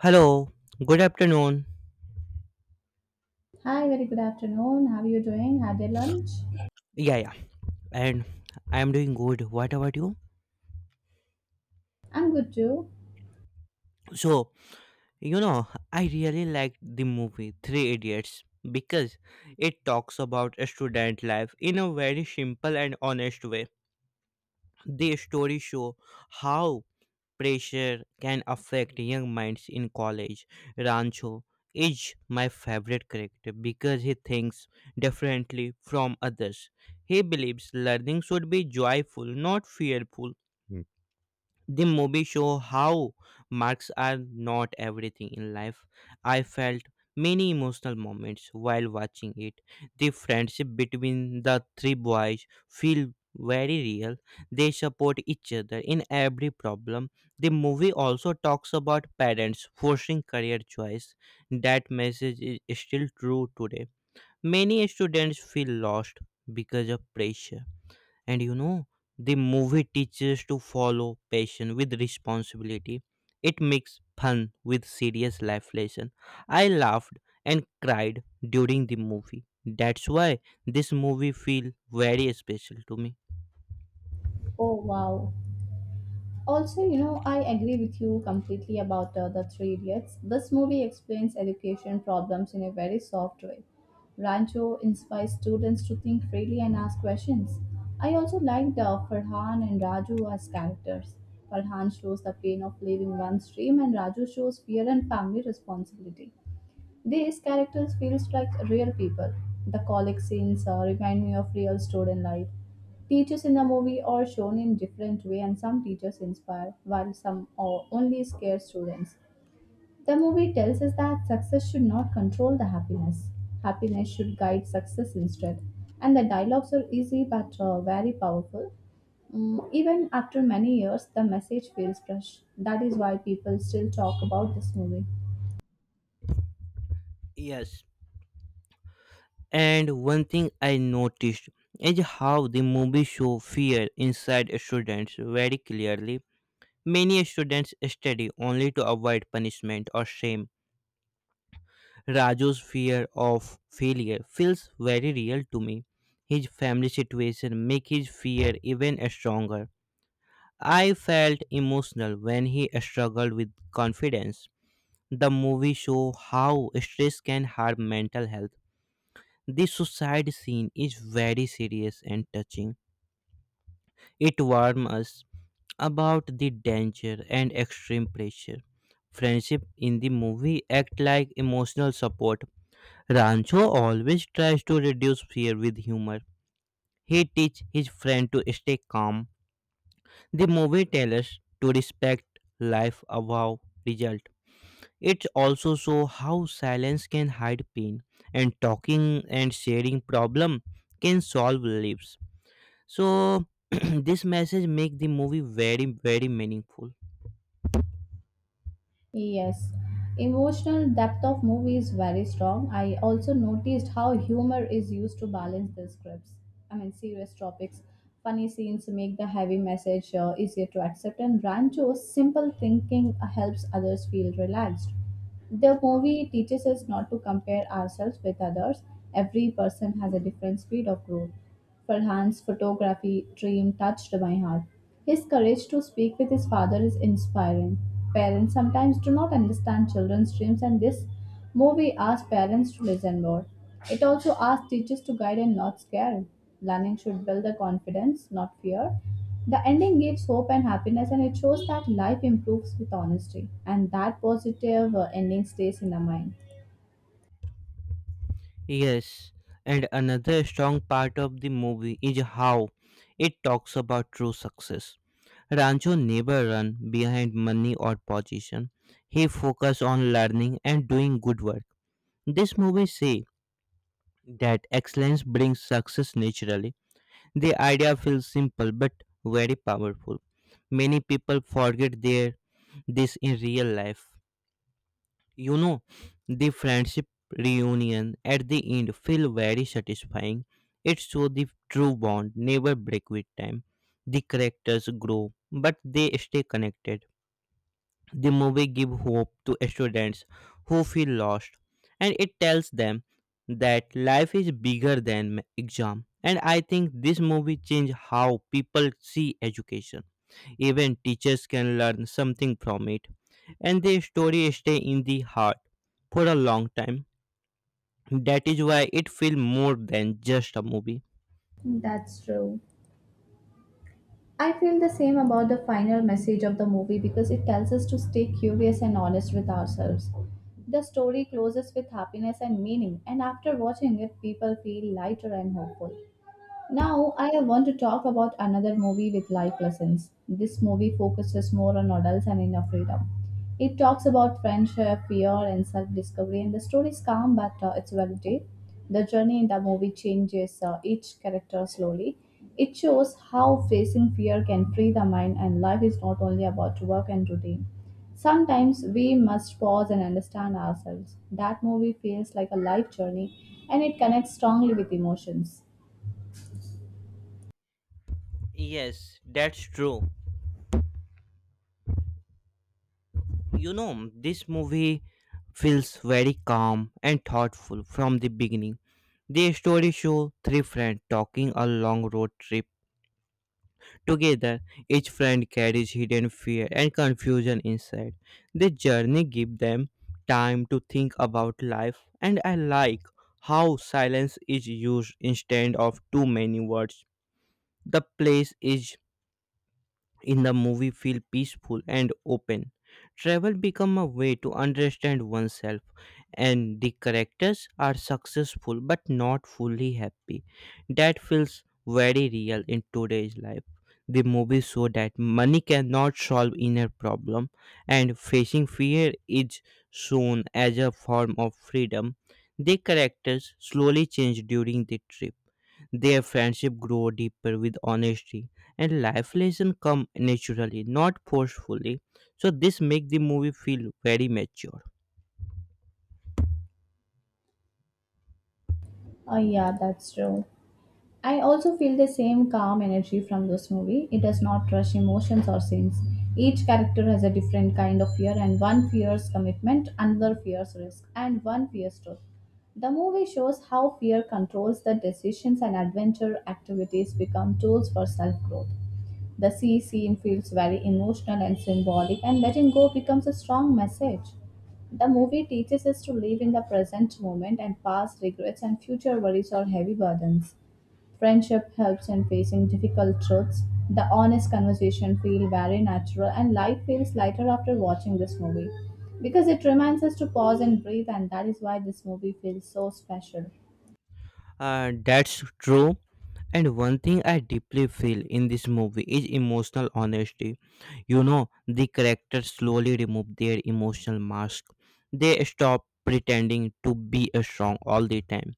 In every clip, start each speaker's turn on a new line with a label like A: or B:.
A: Hello, good afternoon.
B: Hi, very good afternoon. How are you doing? Had your lunch?
A: Yeah, yeah, and I am doing good. What about you?
B: I'm good too.
A: So, you know, I really liked the movie Three Idiots because it talks about a student life in a very simple and honest way. The story show how pressure can affect young minds in college. Rancho is my favorite character because he thinks differently from others. He believes learning should be joyful, not fearful. The movie show how marks are not everything in life. I felt many emotional moments while watching it. The friendship between the three boys feel very real. They support each other in every problem. The movie also talks about parents forcing career choice. That message is still true today. Many students feel lost because of pressure, and the movie teaches to follow passion with responsibility. It makes fun with serious life lesson. I laughed and cried during the movie. That's why this movie feel very special to me.
B: Oh, wow. Also, you know, I agree with you completely about The Three Idiots. This movie explains education problems in a very soft way. Rancho inspires students to think freely and ask questions. I also liked Farhan and Raju as characters. Farhan shows the pain of leaving one's dream, and Raju shows fear and family responsibility. These characters feels like real people. The college scenes remind me of real student life. Teachers in the movie are shown in different way and some teachers inspire while some are only scare students. The movie tells us that success should not control the happiness. Happiness should guide success instead. And the dialogues are easy but very powerful. Even after many years, the message feels fresh. That is why people still talk about this movie.
A: Yes. And one thing I noticed is how the movie show fear inside students very clearly. Many students study only to avoid punishment or shame. Raju's fear of failure feels very real to me. His family situation make his fear even stronger. I felt emotional when he struggled with confidence. The movie show how stress can harm mental health. This suicide scene is very serious and touching. It warns us about the danger and extreme pressure. Friendship in the movie act like emotional support. Rancho always tries to reduce fear with humor. He teaches his friend to stay calm. The movie tells us to respect life above result. It also shows how silence can hide pain, and talking and sharing problem can solve lives. So this message make the movie very very meaningful.
B: Yes, emotional depth of movie is very strong. I also noticed how humor is used to balance the scripts. I mean, serious topics, funny scenes make the heavy message easier to accept, and Rancho's simple thinking helps others feel relaxed. The movie teaches us not to compare ourselves with others. Every person has a different speed of growth. Farhan's photography dream touched my heart. His courage to speak with his father is inspiring. Parents sometimes do not understand children's dreams, and this movie asks parents to listen more. It also asks teachers to guide and not scare. Learning should build the confidence, not fear. The ending gives hope and happiness, and it shows that life improves with honesty, and that positive ending stays in the mind.
A: Yes, and another strong part of the movie is how it talks about true success. Rancho never ran behind money or position. He focused on learning and doing good work. This movie say that excellence brings success naturally. The idea feels simple but very powerful. Many people forget their this in real life. You know, the friendship reunion at the end feel very satisfying. It show the true bond never break with time. The characters grow, but they stay connected. The movie gives hope to students who feel lost, and it tells them that life is bigger than exam. And I think this movie changed how people see education. Even teachers can learn something from it, and the story stay in the heart for a long time. That is why it feels more than just a movie.
B: That's true. I feel the same about the final message of the movie because it tells us to stay curious and honest with ourselves. The story closes with happiness and meaning, and after watching it, people feel lighter and hopeful. Now, I want to talk about another movie with life lessons. This movie focuses more on adults and inner freedom. It talks about friendship, fear, and self discovery, and the story is calm but it's well told. The journey in the movie changes each character slowly. It shows how facing fear can free the mind, and life is not only about work and routine. Sometimes we must pause and understand ourselves. That movie feels like a life journey and it connects strongly with emotions.
A: Yes, that's true. This movie feels very calm and thoughtful from the beginning. The story shows three friends talking a long road trip together. Each friend carries hidden fear and confusion inside. The journey gives them time to think about life, and I like how silence is used instead of too many words. The place is in the movie feel peaceful and open. Travel become a way to understand oneself, and the characters are successful but not fully happy. That feels very real in today's life. The movie show that money cannot solve inner problem, and facing fear is shown as a form of freedom. The characters slowly change during the trip. Their friendship grow deeper with honesty, and life lessons come naturally, not forcefully. So this make the movie feel very mature.
B: Oh, yeah, that's true. I also feel the same calm energy from this movie. It does not rush emotions or scenes. Each character has a different kind of fear, and one fears commitment, another fears risk, and one fears truth. The movie shows how fear controls the decisions and adventure activities become tools for self growth. The sea scene feels very emotional and symbolic, and letting go becomes a strong message. The movie teaches us to live in the present moment, and past regrets and future worries are heavy burdens. Friendship helps in facing difficult truths. The honest conversation feel very natural and life feels lighter after watching this movie because it reminds us to pause and breathe and that is why this movie feels so special.
A: That's true. And one thing I deeply feel in this movie is emotional honesty. The characters slowly remove their emotional mask. They stop pretending to be a strong all the time.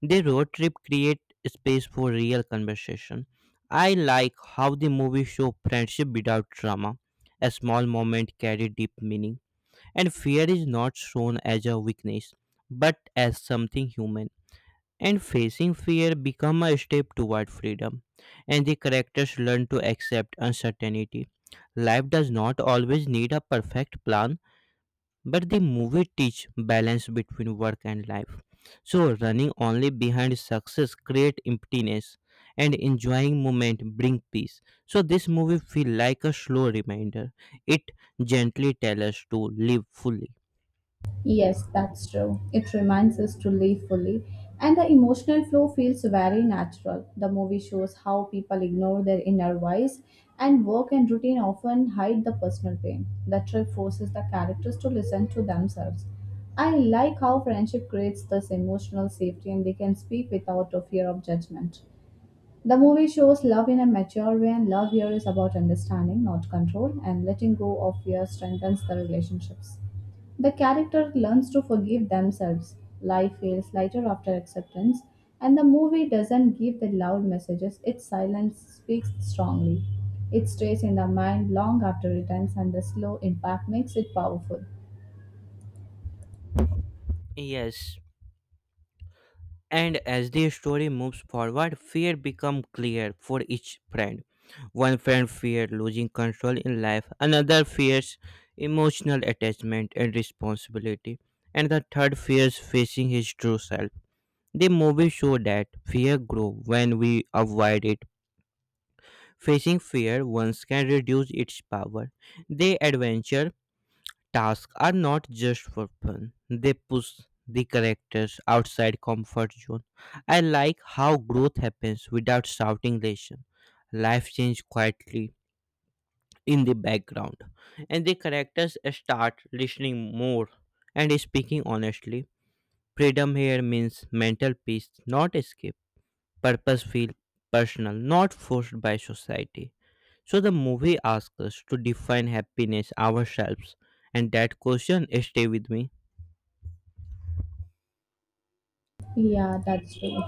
A: Their road trip create space for real conversation. I like how the movie show friendship without drama. A small moment carry deep meaning. And fear is not shown as a weakness, but as something human. And facing fear become a step toward freedom. And the characters learn to accept uncertainty. Life does not always need a perfect plan, but the movie teach balance between work and life. So running only behind success create emptiness, and enjoying moment bring peace. So this movie feel like a slow reminder. It gently tells us to live fully.
B: Yes, that's true. It reminds us to live fully, and the emotional flow feels very natural. The movie shows how people ignore their inner voice, and work and routine often hide the personal pain. The trip forces the characters to listen to themselves. I like how friendship creates this emotional safety and they can speak without a fear of judgment. The movie shows love in a mature way, and love here is about understanding, not control, and letting go of fear strengthens the relationships. The character learns to forgive themselves. Life feels lighter after acceptance, and the movie doesn't give the loud messages, its silence speaks strongly. It stays in the mind long after it ends, and the slow impact makes it powerful.
A: Yes. And as the story moves forward, fear becomes clear for each friend. One friend fears losing control in life, another fears emotional attachment and responsibility, and the third fears facing his true self. The movie shows that fear grows when we avoid it. Facing fear once can reduce its power. The adventure tasks are not just for fun, they push the characters outside comfort zone. I like how growth happens without shouting lesson. Life changes quietly in the background, and the characters start listening more and speaking honestly. Freedom here means mental peace, not escape. Purpose feel personal, not forced by society. So the movie asks us to define happiness ourselves, and that question stay with me.
B: Yeah, that's true.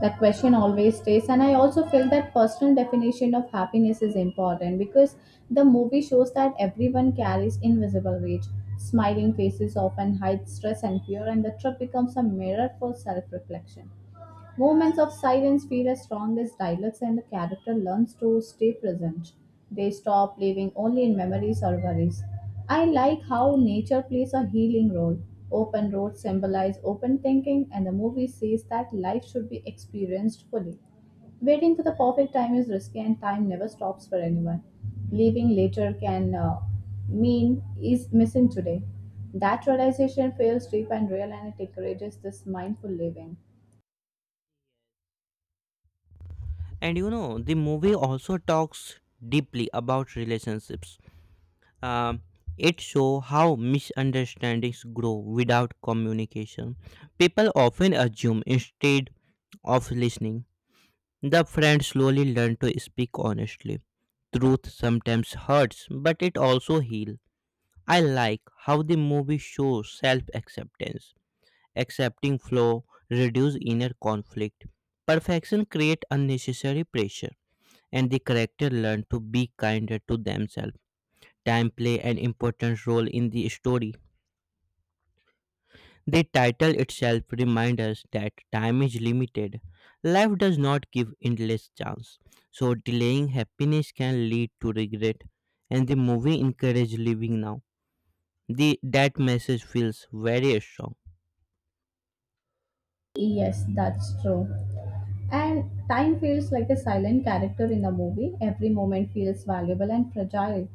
B: That question always stays. And I also feel that personal definition of happiness is important because the movie shows that everyone carries invisible weight. Smiling faces often hide stress and fear, and the trip becomes a mirror for self reflection. Moments of silence feel as strong as dialogues, and the character learns to stay present. They stop living only in memories or worries. I like how nature plays a healing role. Open roads symbolize open thinking, and the movie says that life should be experienced fully. Waiting for the perfect time is risky, and time never stops for anyone. Leaving later can mean is missing today. That realization feels deep and real, and it encourages this mindful living.
A: And the movie also talks deeply about relationships. Um, it shows how misunderstandings grow without communication. People often assume instead of listening. The friend slowly learn to speak honestly. Truth sometimes hurts, but it also heals. I like how the movie shows self acceptance. Accepting flaw reduce inner conflict. Perfection create unnecessary pressure, and the character learn to be kinder to themselves. Time play an important role in the story. The title itself reminds us that time is limited. Life does not give endless chance. So delaying happiness can lead to regret, and the movie encourages living now. The that message feels very strong.
B: Yes, that's true. And time feels like a silent character in the movie. Every moment feels valuable and fragile.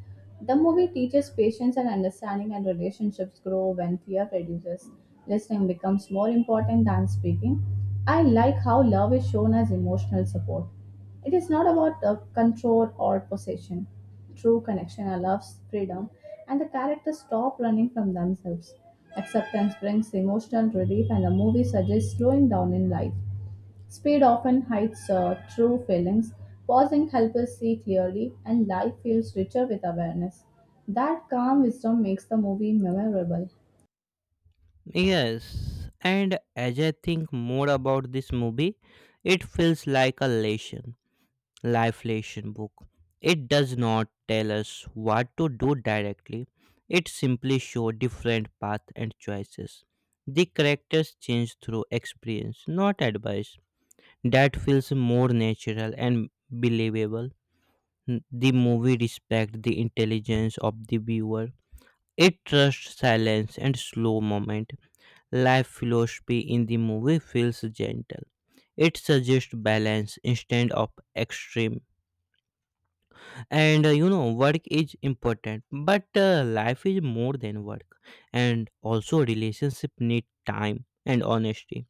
B: The movie teaches patience and understanding, and relationships grow when fear reduces. Listening becomes more important than speaking. I like how love is shown as emotional support. It is not about control or possession. True connection allows freedom, and the characters stop running from themselves. Acceptance brings emotional relief, and the movie suggests slowing down in life. Speed often hides true feelings. Pausing helps us see clearly, and life feels richer with awareness. That calm wisdom makes the movie memorable.
A: Yes, and as I think more about this movie, it feels like a lesson. Lifelation book. It does not tell us what to do directly, it simply shows different paths and choices. The characters change through experience, not advice. That feels more natural and believable. The movie respects the intelligence of the viewer. It trusts silence and slow moment. Life philosophy in the movie feels gentle. It suggests balance instead of extreme, and work is important but life is more than work, and also relationship need time and honesty.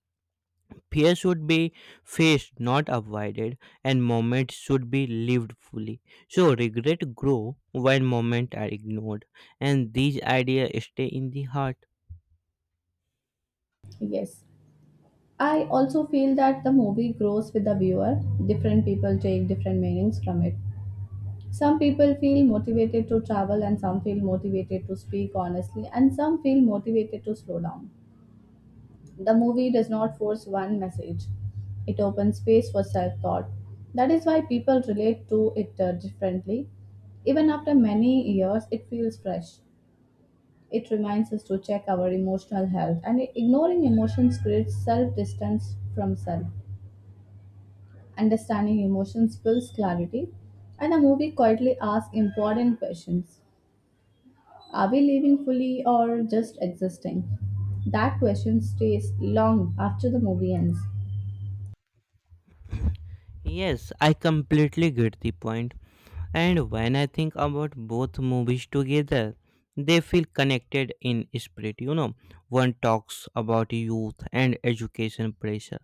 A: Fear should be faced not avoided, and moments should be lived fully. So regret grow when moments are ignored, and these ideas stay in the heart.
B: Yes. I also feel that the movie grows with the viewer. Different people take different meanings from it. Some people feel motivated to travel, and some feel motivated to speak honestly, and some feel motivated to slow down. The movie does not force one message, it opens space for self thought. That is why people relate to it differently. Even after many years, it feels fresh. It reminds us to check our emotional health, and ignoring emotions creates self distance from self. Understanding emotions builds clarity, and the movie quietly asks important questions. Are we living fully or just existing? That question stays long after the movie ends.
A: Yes, I completely get the point. And when I think about both movies together, they feel connected in spirit. One talks about youth and education pressure,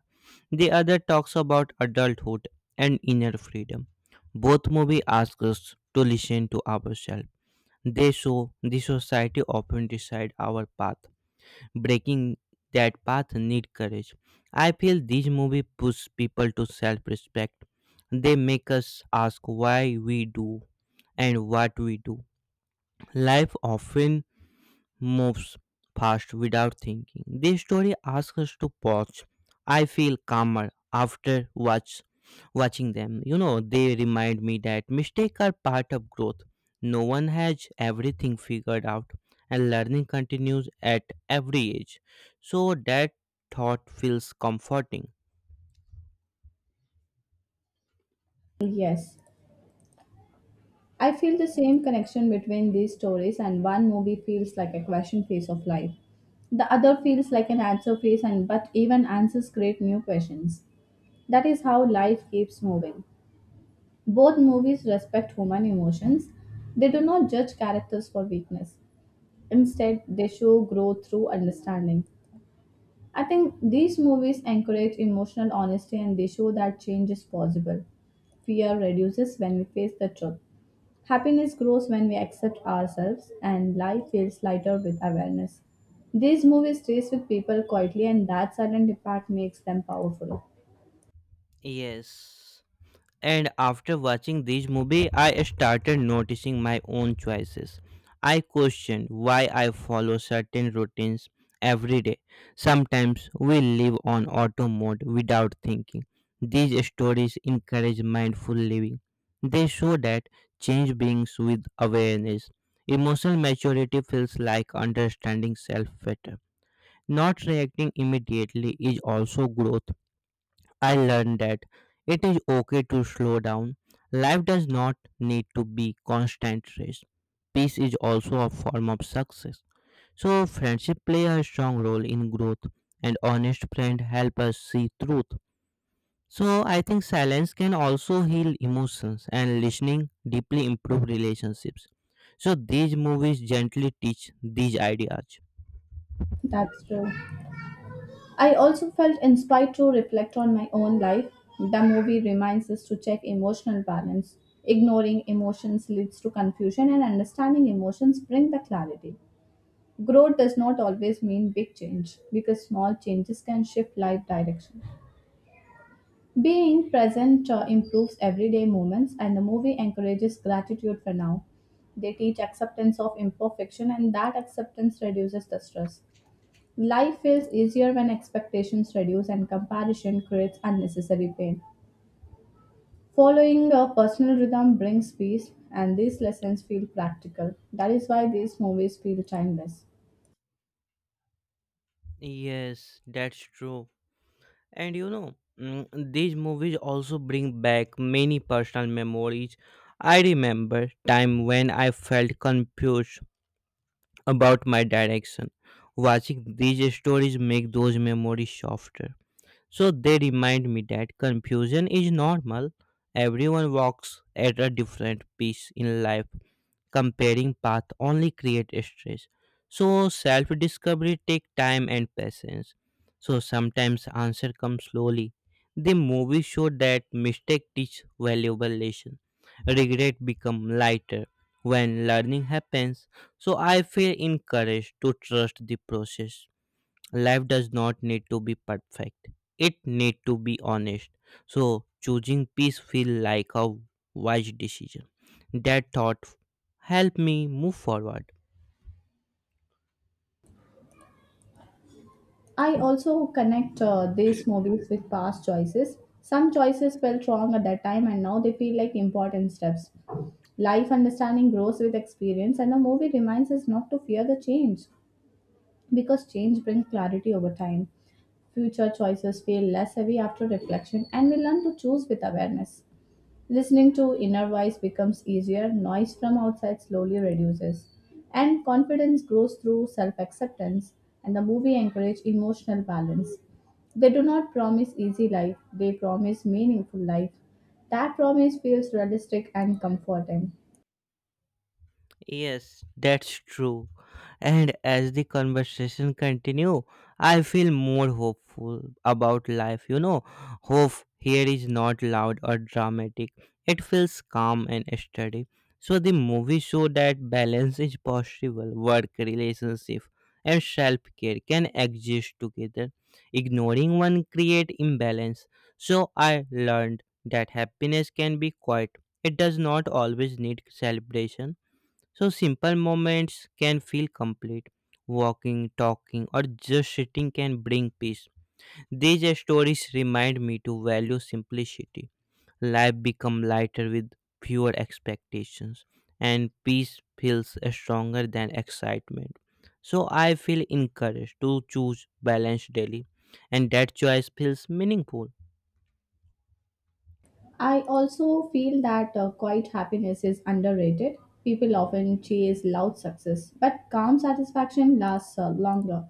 A: the other talks about adulthood and inner freedom. Both movies ask us to listen to ourselves. They show the society often decide our path. Breaking that path need courage. I feel these movies push people to self-respect. They make us ask why we do and what we do. Life often moves fast without thinking. This story asks us to pause. I feel calmer after watching them. They remind me that mistakes are part of growth. No one has everything figured out, and learning continues at every age. So that thought feels comforting.
B: Yes, I feel the same connection between these stories, and one movie feels like a question phase of life. The other feels like an answer phase, and but even answers create new questions. That is how life keeps moving. Both movies respect human emotions. They do not judge characters for weakness. Instead, they show growth through understanding. I think these movies encourage emotional honesty and they show that change is possible. Fear reduces when we face the truth. Happiness grows when we accept ourselves and life feels lighter with awareness. These movies stays with people quietly and that silent impact makes them powerful.
A: Yes. And after watching this movie, I started noticing my own choices. I questioned why I follow certain routines every day. Sometimes we live on auto mode without thinking. These stories encourage mindful living. They show that change brings with awareness. Emotional maturity feels like understanding self better. Not reacting immediately is also growth. I learned that it is okay to slow down. Life does not need to be constant race. Peace is also a form of success. So friendship play a strong role in growth, and honest friend help us see truth. So I think silence can also heal emotions, and listening deeply improve relationships. So these movies gently teach these ideas.
B: That's true. I also felt inspired to reflect on my own life. The movie reminds us to check emotional balance. Ignoring emotions leads to confusion and understanding emotions bring the clarity. Growth does not always mean big change because small changes can shift life direction. Being present improves everyday moments, and the movie encourages gratitude for now. They teach acceptance of imperfection, and that acceptance reduces the stress. Life feels easier when expectations reduce and comparison creates unnecessary pain. Following a personal rhythm brings peace, and these lessons feel practical. That is why these movies feel timeless.
A: Yes, that's true. And these movies also bring back many personal memories. I remember time when I felt confused about my direction. Watching these stories make those memories softer. So they remind me that confusion is normal. Everyone walks at a different pace in life. Comparing path only create stress. So self discovery take time and patience. So sometimes answer comes slowly. The movie show that mistake teach valuable lesson. Regret become lighter when learning happens. So I feel encouraged to trust the process. Life does not need to be perfect, it need to be honest. So choosing peace feel like a wise decision. That thought helped me move forward.
B: I also connect these movies with past choices. Some choices felt wrong at that time and now they feel like important steps. Life understanding grows with experience, and the movie reminds us not to fear the change because change brings clarity over time. Future choices feel less heavy after reflection, and we learn to choose with awareness. Listening to inner voice becomes easier, noise from outside slowly reduces, and confidence grows through self acceptance. And the movie encourage emotional balance. They do not promise easy life, they promise meaningful life. That promise feels realistic and comforting.
A: Yes, that's true. And as the conversation continue, I feel more hopeful about life. Hope here is not loud or dramatic. It feels calm and steady. So the movie show that balance is possible. Work, relationship, and self-care can exist together. Ignoring one create imbalance. So I learned that happiness can be quiet. It does not always need celebration, so simple moments can feel complete. Walking, talking, or just sitting can bring peace. These stories remind me to value simplicity. Life become lighter with fewer expectations, and peace feels stronger than excitement. So I feel encouraged to choose balance daily, and that choice feels meaningful.
B: I also feel that quiet happiness is underrated. People often chase loud success, but calm satisfaction lasts longer.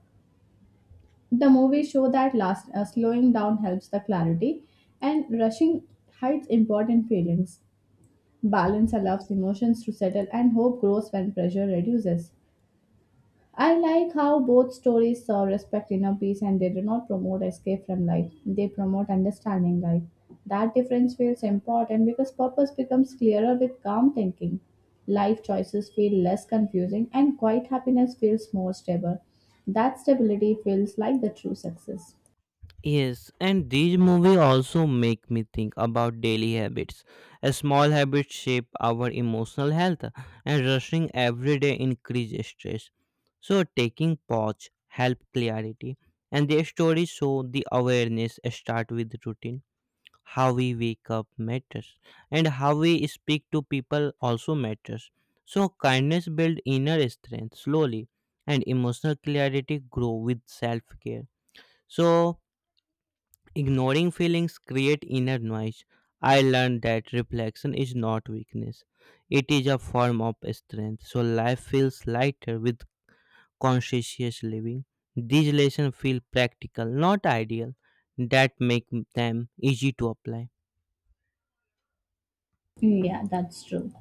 B: The movie show that last slowing down helps the clarity, and rushing hides important feelings. Balance allows emotions to settle, and hope grows when pressure reduces. I like how both stories saw respect inner peace, and they do not promote escape from life. They promote understanding life. That difference feels important because purpose becomes clearer with calm thinking. Life choices feel less confusing, and quiet happiness feels more stable. That stability feels like the true success.
A: Yes, and these movies also make me think about daily habits. A small habits shape our emotional health, and rushing every day increase stress. So taking pause help clarity, and their stories show the awareness start with routine. How we wake up matters, and how we speak to people also matters. So kindness build inner strength slowly, and emotional clarity grow with self care. So ignoring feelings create inner noise. I learned that reflection is not weakness. It is a form of strength. So life feels lighter with conscientious living. These lessons feel practical, not ideal, that make them easy to apply.
B: Yeah, that's true.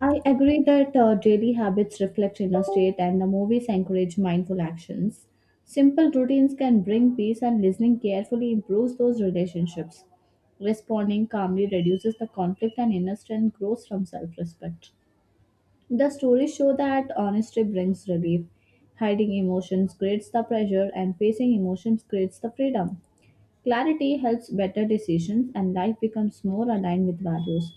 B: I agree that daily habits reflect inner state and the movies encourage mindful actions. Simple routines can bring peace, and listening carefully improves those relationships. Responding calmly reduces the conflict, and inner strength grows from self respect. The stories show that honesty brings relief. Hiding emotions creates the pressure, and facing emotions creates the freedom. Clarity helps better decisions and life becomes more aligned with values.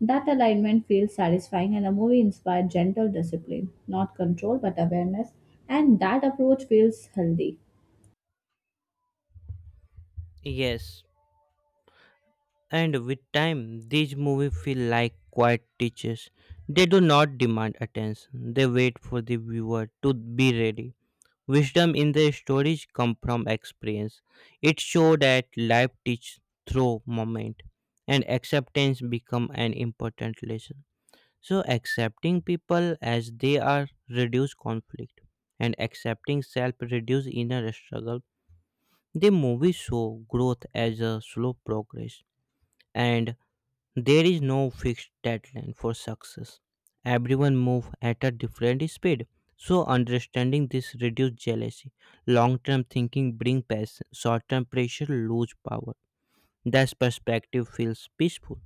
B: That alignment feels satisfying and a movie inspired gentle discipline, not control but awareness, and that approach feels healthy.
A: Yes, and with time, these movies feel like quiet teachers. They do not demand attention. They wait for the viewer to be ready. Wisdom in the stories come from experience. It shows that life teaches through moment, and acceptance become an important lesson. So accepting people as they are reduce conflict, and accepting self reduce inner struggle. The movie show growth as a slow progress, and there is no fixed deadline for success. Everyone moves at a different speed. So understanding this reduces jealousy. Long-term thinking brings passion. Short-term pressure lose power. That perspective feels peaceful.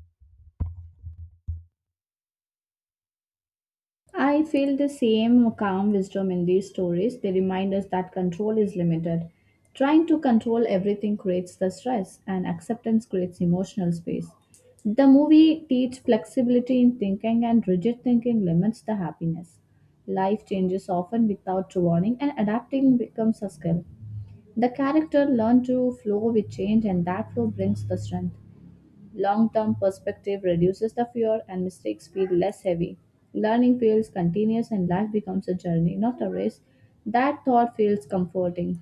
B: I feel the same calm wisdom in these stories. They remind us that control is limited. Trying to control everything creates the stress, and acceptance creates emotional space. The movie teaches flexibility in thinking, and rigid thinking limits the happiness. Life changes often without warning, and adapting becomes a skill. The character learn to flow with change, and that flow brings the strength. Long-term perspective reduces the fear and mistakes feel less heavy. Learning feels continuous and life becomes a journey, not a race. That thought feels comforting.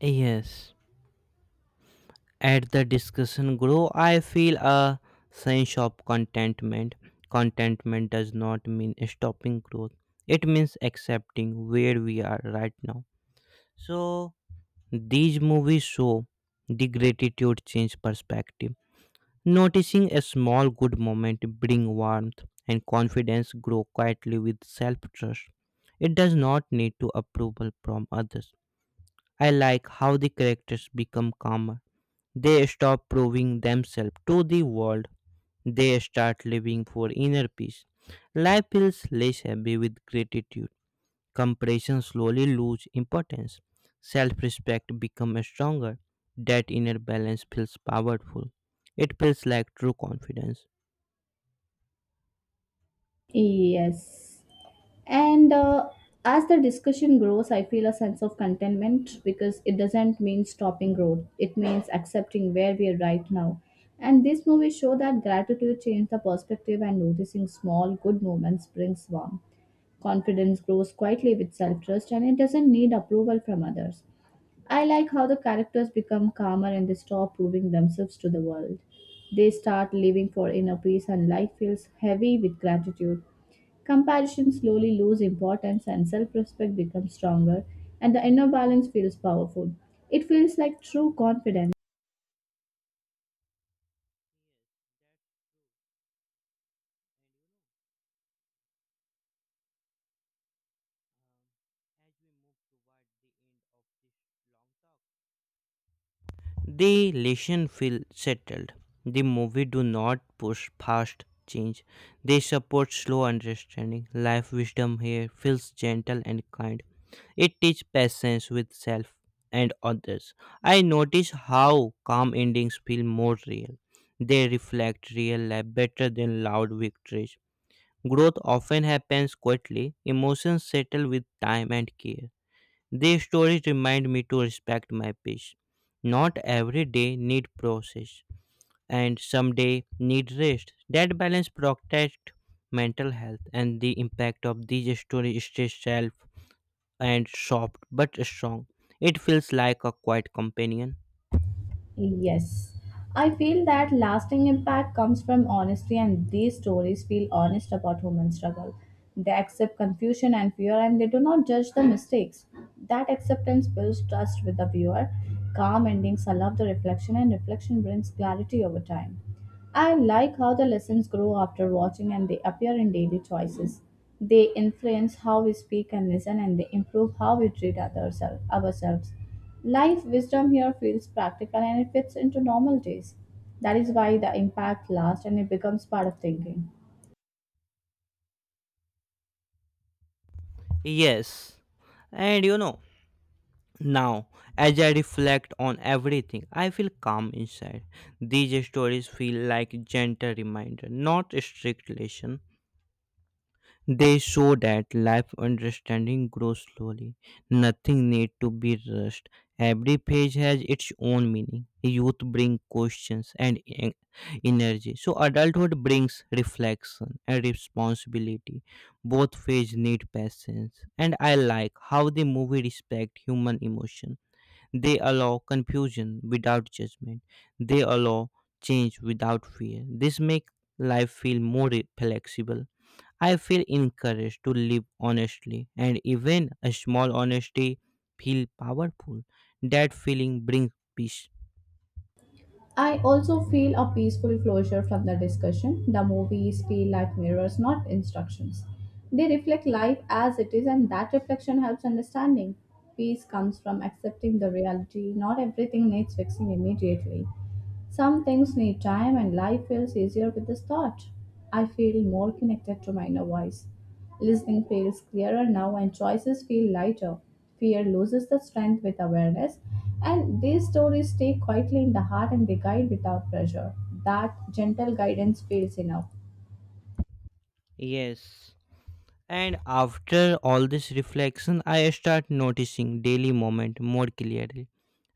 A: Yes. At the discussion grow, I feel a sense of contentment. Contentment does not mean stopping growth. It means accepting where we are right now. So these movies show the gratitude change perspective. Noticing a small good moment bring warmth and confidence grow quietly with self-trust. It does not need to approval from others. I like how the characters become calmer. They stop proving themselves to the world. They start living for inner peace. Life feels less heavy with gratitude. Comparison slowly lose importance. Self-respect become stronger. That inner balance feels powerful. It feels like true confidence.
B: Yes. And As the discussion grows, I feel a sense of contentment because it doesn't mean stopping growth. It means accepting where we are right now. And this movie show that gratitude changes the perspective and noticing small good moments brings warmth. Confidence grows quietly with self trust and it doesn't need approval from others. I like how the characters become calmer and they stop proving themselves to the world. They start living for inner peace and life feels heavy with gratitude. Comparison slowly loses importance and self respect becomes stronger, and the inner balance feels powerful. It feels like true confidence.
A: The lesson feel settled. The movie do not push fast change. They support slow understanding. Life wisdom here feels gentle and kind. It teaches patience with self and others. I notice how calm endings feel more real. They reflect real life better than loud victories. Growth often happens quietly. Emotions settle with time and care. These stories remind me to respect my peace. Not every day need process, and some day need rest. That balance protects mental health, and the impact of these stories stays self and soft but strong. It feels like a quiet companion.
B: Yes. I feel that lasting impact comes from honesty, and these stories feel honest about human struggle. They accept confusion and fear, and they do not judge the mistakes. That acceptance builds trust with the viewer. Calm endings allow the reflection, and reflection brings clarity over time. I like how the lessons grow after watching and they appear in daily choices. They influence how we speak and listen, and they improve how we treat others, ourselves. Life wisdom here feels practical and it fits into normal days. That is why the impact lasts and it becomes part of thinking.
A: Yes, and. Now, as I reflect on everything, I feel calm inside. These stories feel like gentle reminder, not strict lesson. They show that life understanding grows slowly. Nothing need to be rushed. Every page has its own meaning. Youth bring questions and energy. So adulthood brings reflection and responsibility. Both phases need patience. And I like how the movie respect human emotion. They allow confusion without judgment. They allow change without fear. This make life feel more flexible. I feel encouraged to live honestly, and even a small honesty feel powerful. That feeling brings peace.
B: I also feel a peaceful closure from the discussion. The movies feel like mirrors, not instructions. They reflect life as it is, and that reflection helps understanding. Peace comes from accepting the reality. Not everything needs fixing immediately. Some things need time, and life feels easier with this thought. I feel more connected to my inner voice. Listening feels clearer now, and choices feel lighter. Fear loses the strength with awareness, and these stories stay quietly in the heart and they guide without pressure. That gentle guidance feels enough.
A: Yes. And after all this reflection, I start noticing daily moment more clearly.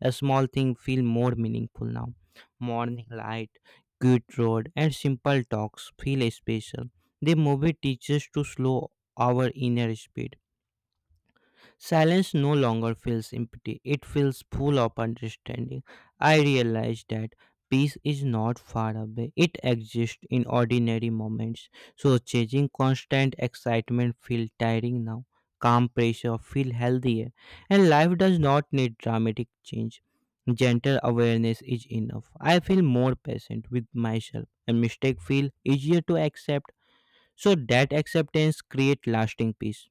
A: A small thing feel more meaningful now. Morning light, cute road, and simple talks feel special. The movie teaches to slow our inner speed. Silence no longer feels empty, it feels full of understanding. I realize that peace is not far away, it exists in ordinary moments. So, chasing constant excitement feels tiring now. Calm pressure feels healthier, and life does not need dramatic change. Gentle awareness is enough. I feel more patient with myself, and mistake feel easier to accept. So that acceptance create lasting peace.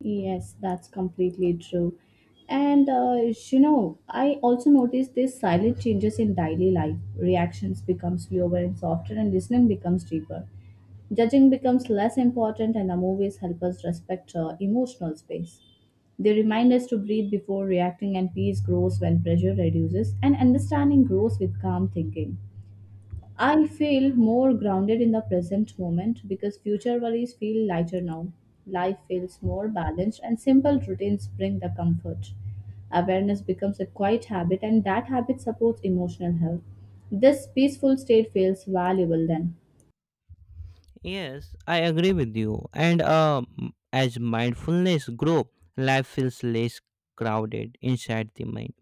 B: Yes, that's completely true. And uh, I also noticed these silent changes in daily life. Reactions become slower and softer, and listening becomes deeper. Judging becomes less important, and the movies help us respect emotional space. They remind us to breathe before reacting, and peace grows when pressure reduces, and understanding grows with calm thinking. I feel more grounded in the present moment because future worries feel lighter now. Life feels more balanced, and simple routines bring the comfort. Awareness becomes a quiet habit, and that habit supports emotional health. This peaceful state feels valuable then.
A: Yes, I agree with you. And as mindfulness grows, life feels less crowded inside the mind.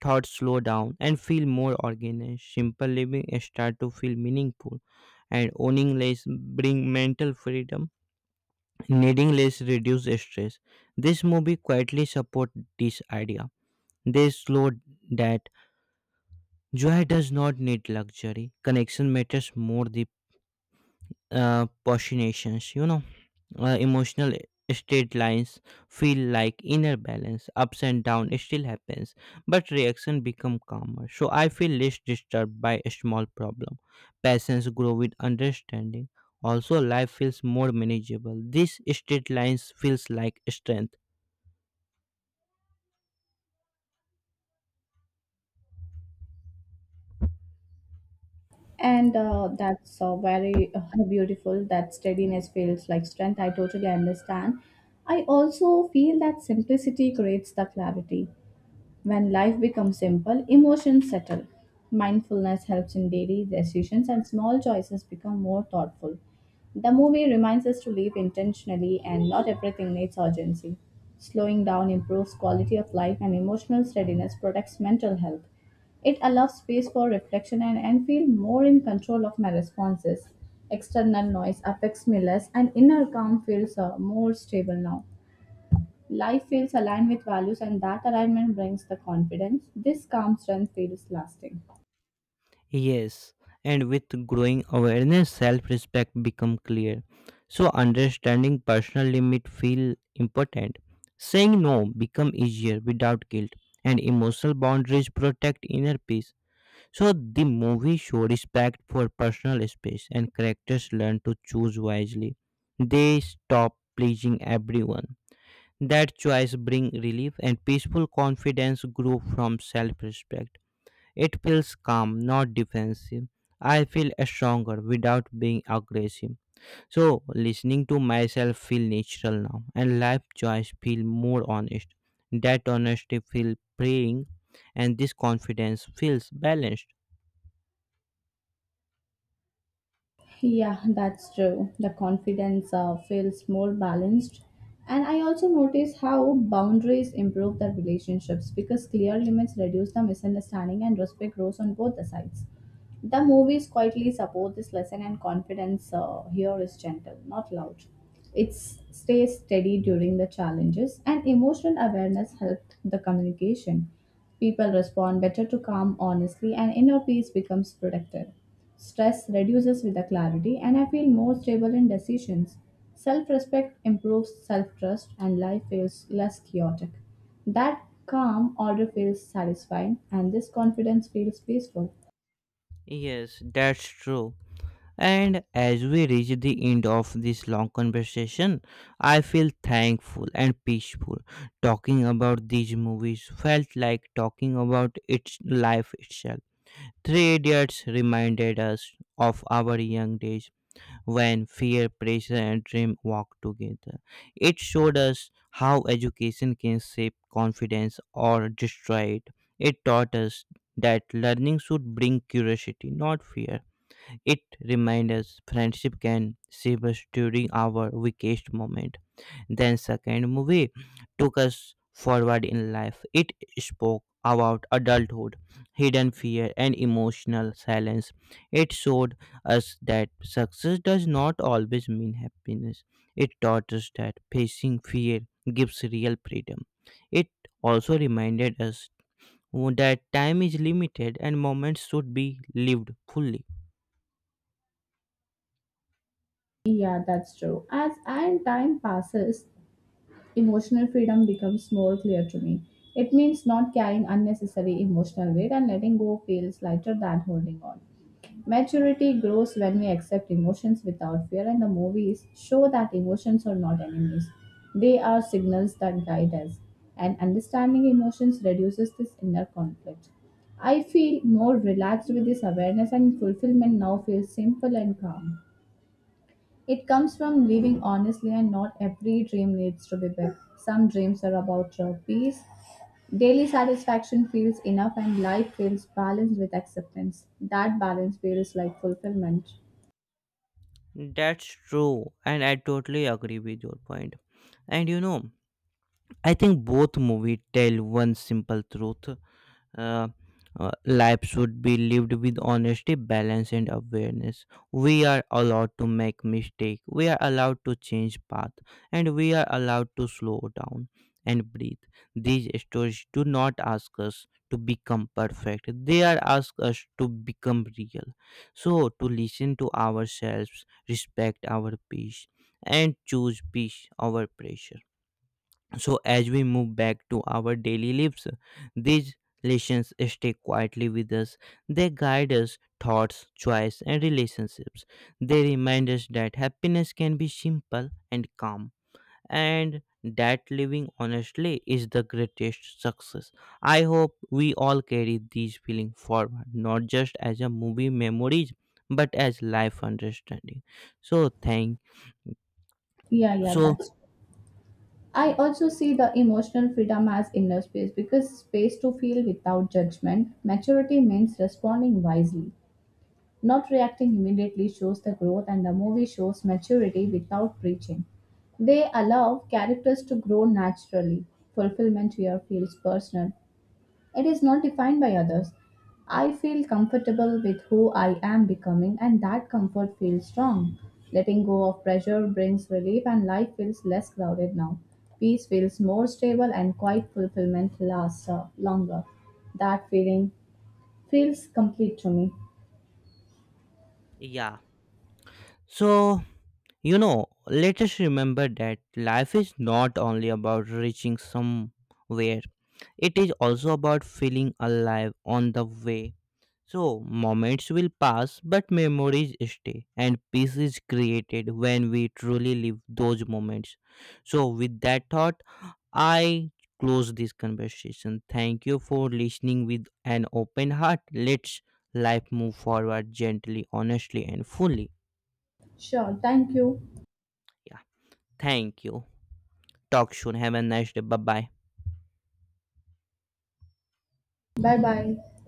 A: Thoughts slow down and feel more organized. Simple living start to feel meaningful, and owning less bring mental freedom. Needing less reduce stress. This movie quietly support this idea. They slow that joy does not need luxury. Connection matters more the postulations. Emotional state lines feel like inner balance, ups and down still happens, but reaction become calmer. So I feel less disturbed by a small problem. Passions grow with understanding, also life feels more manageable. This state lines feels like strength.
B: And that's very beautiful. That steadiness feels like strength. I totally understand. I also feel that simplicity creates the clarity. When life becomes simple, emotions settle. Mindfulness helps in daily decisions and small choices become more thoughtful. The movie reminds us to live intentionally and not everything needs urgency. Slowing down improves quality of life and emotional steadiness protects mental health. It allows space for reflection and, I feel more in control of my responses. External noise affects me less and inner calm feels more stable now. Life feels aligned with values, and that alignment brings the confidence. This calm strength feels lasting.
A: Yes, and with growing awareness, self-respect become clear. So understanding personal limit feel important. Saying no become easier without guilt, and emotional boundaries protect inner peace. So the movie show respect for personal space, and characters learn to choose wisely. They stop pleasing everyone. That choice bring relief, and peaceful confidence grow from self-respect. It feels calm, not defensive. I feel stronger without being aggressive. So listening to myself feel natural now and life choice feel more honest. That honesty feel freeing and this confidence feels balanced.
B: Yeah, that's true. The confidence feels more balanced. And I also notice how boundaries improve the relationships because clear limits reduce the misunderstanding and respect grows on both the sides. The movies quietly support this lesson, and confidence here is gentle, not loud. It stays steady during the challenges, and emotional awareness helped the communication. People respond better to calm honestly, and inner peace becomes protected. Stress reduces with the clarity, and I feel more stable in decisions. Self respect improves self trust, and life feels less chaotic. That calm order feels satisfying, and this confidence feels peaceful.
A: Yes, that's true. And as we reach the end of this long conversation, I feel thankful and peaceful. Talking about these movies felt like talking about its life itself. Three Idiots reminded us of our young days when fear, pressure, and dream walked together. It showed us how education can shape confidence or destroy it. It taught us that learning should bring curiosity, not fear. It reminded us friendship can save us during our weakest moment. Then second movie took us forward in life. It spoke about adulthood, hidden fear and emotional silence. It showed us that success does not always mean happiness. It taught us that facing fear gives real freedom. It also reminded us that time is limited and moments should be lived fully.
B: Yeah, that's true. As and time passes, emotional freedom becomes more clear to me. It means not carrying unnecessary emotional weight and letting go feels lighter than holding on. Maturity grows when we accept emotions without fear, and the movies show that emotions are not enemies. They are signals that guide us, and understanding emotions reduces this inner conflict. I feel more relaxed with this awareness, and fulfillment now feels simple and calm. It comes from living honestly, and not every dream needs to be big. Some dreams are about your peace. Daily satisfaction feels enough, and life feels balanced with acceptance. That balance feels like fulfillment.
A: That's true, and I totally agree with your point. And you know, I think both movies tell one simple truth. Uh, Life should be lived with honesty, balance, and awareness. We are allowed to make mistakes. We are allowed to change path, and we are allowed to slow down and breathe. These stories do not ask us to become perfect. They are ask us to become real. So to listen to ourselves, respect our peace, and choose peace over pressure. So, as we move back to our daily lives, these lessons stay quietly with us. They guide us thoughts, choice, and relationships. They remind us that happiness can be simple and calm, and that living honestly is the greatest success. I hope we all carry these feelings forward, not just as a movie memories, but as life understanding. So, thank
B: Yeah, yeah,
A: so
B: that's. I also see the emotional freedom as inner space because space to feel without judgment. Maturity means responding wisely. Not reacting immediately shows the growth, and the movie shows maturity without preaching. They allow characters to grow naturally. Fulfillment here feels personal, it is not defined by others. I feel comfortable with who I am becoming, and that comfort feels strong. Letting go of pressure brings relief, and life feels less crowded now. Peace feels more stable, and quiet fulfillment lasts longer. That feeling feels complete to me.
A: yeah. So you know, let us remember that life is not only about reaching somewhere, it is also about feeling alive on the way. So, moments will pass, but memories stay, and peace is created when we truly live those moments. So, with that thought, I close this conversation. Thank you for listening with an open heart. Let's life move forward gently, honestly, and fully.
B: Sure, thank you.
A: Yeah, thank you. Talk soon. Have a nice day. Bye bye.
B: Bye-bye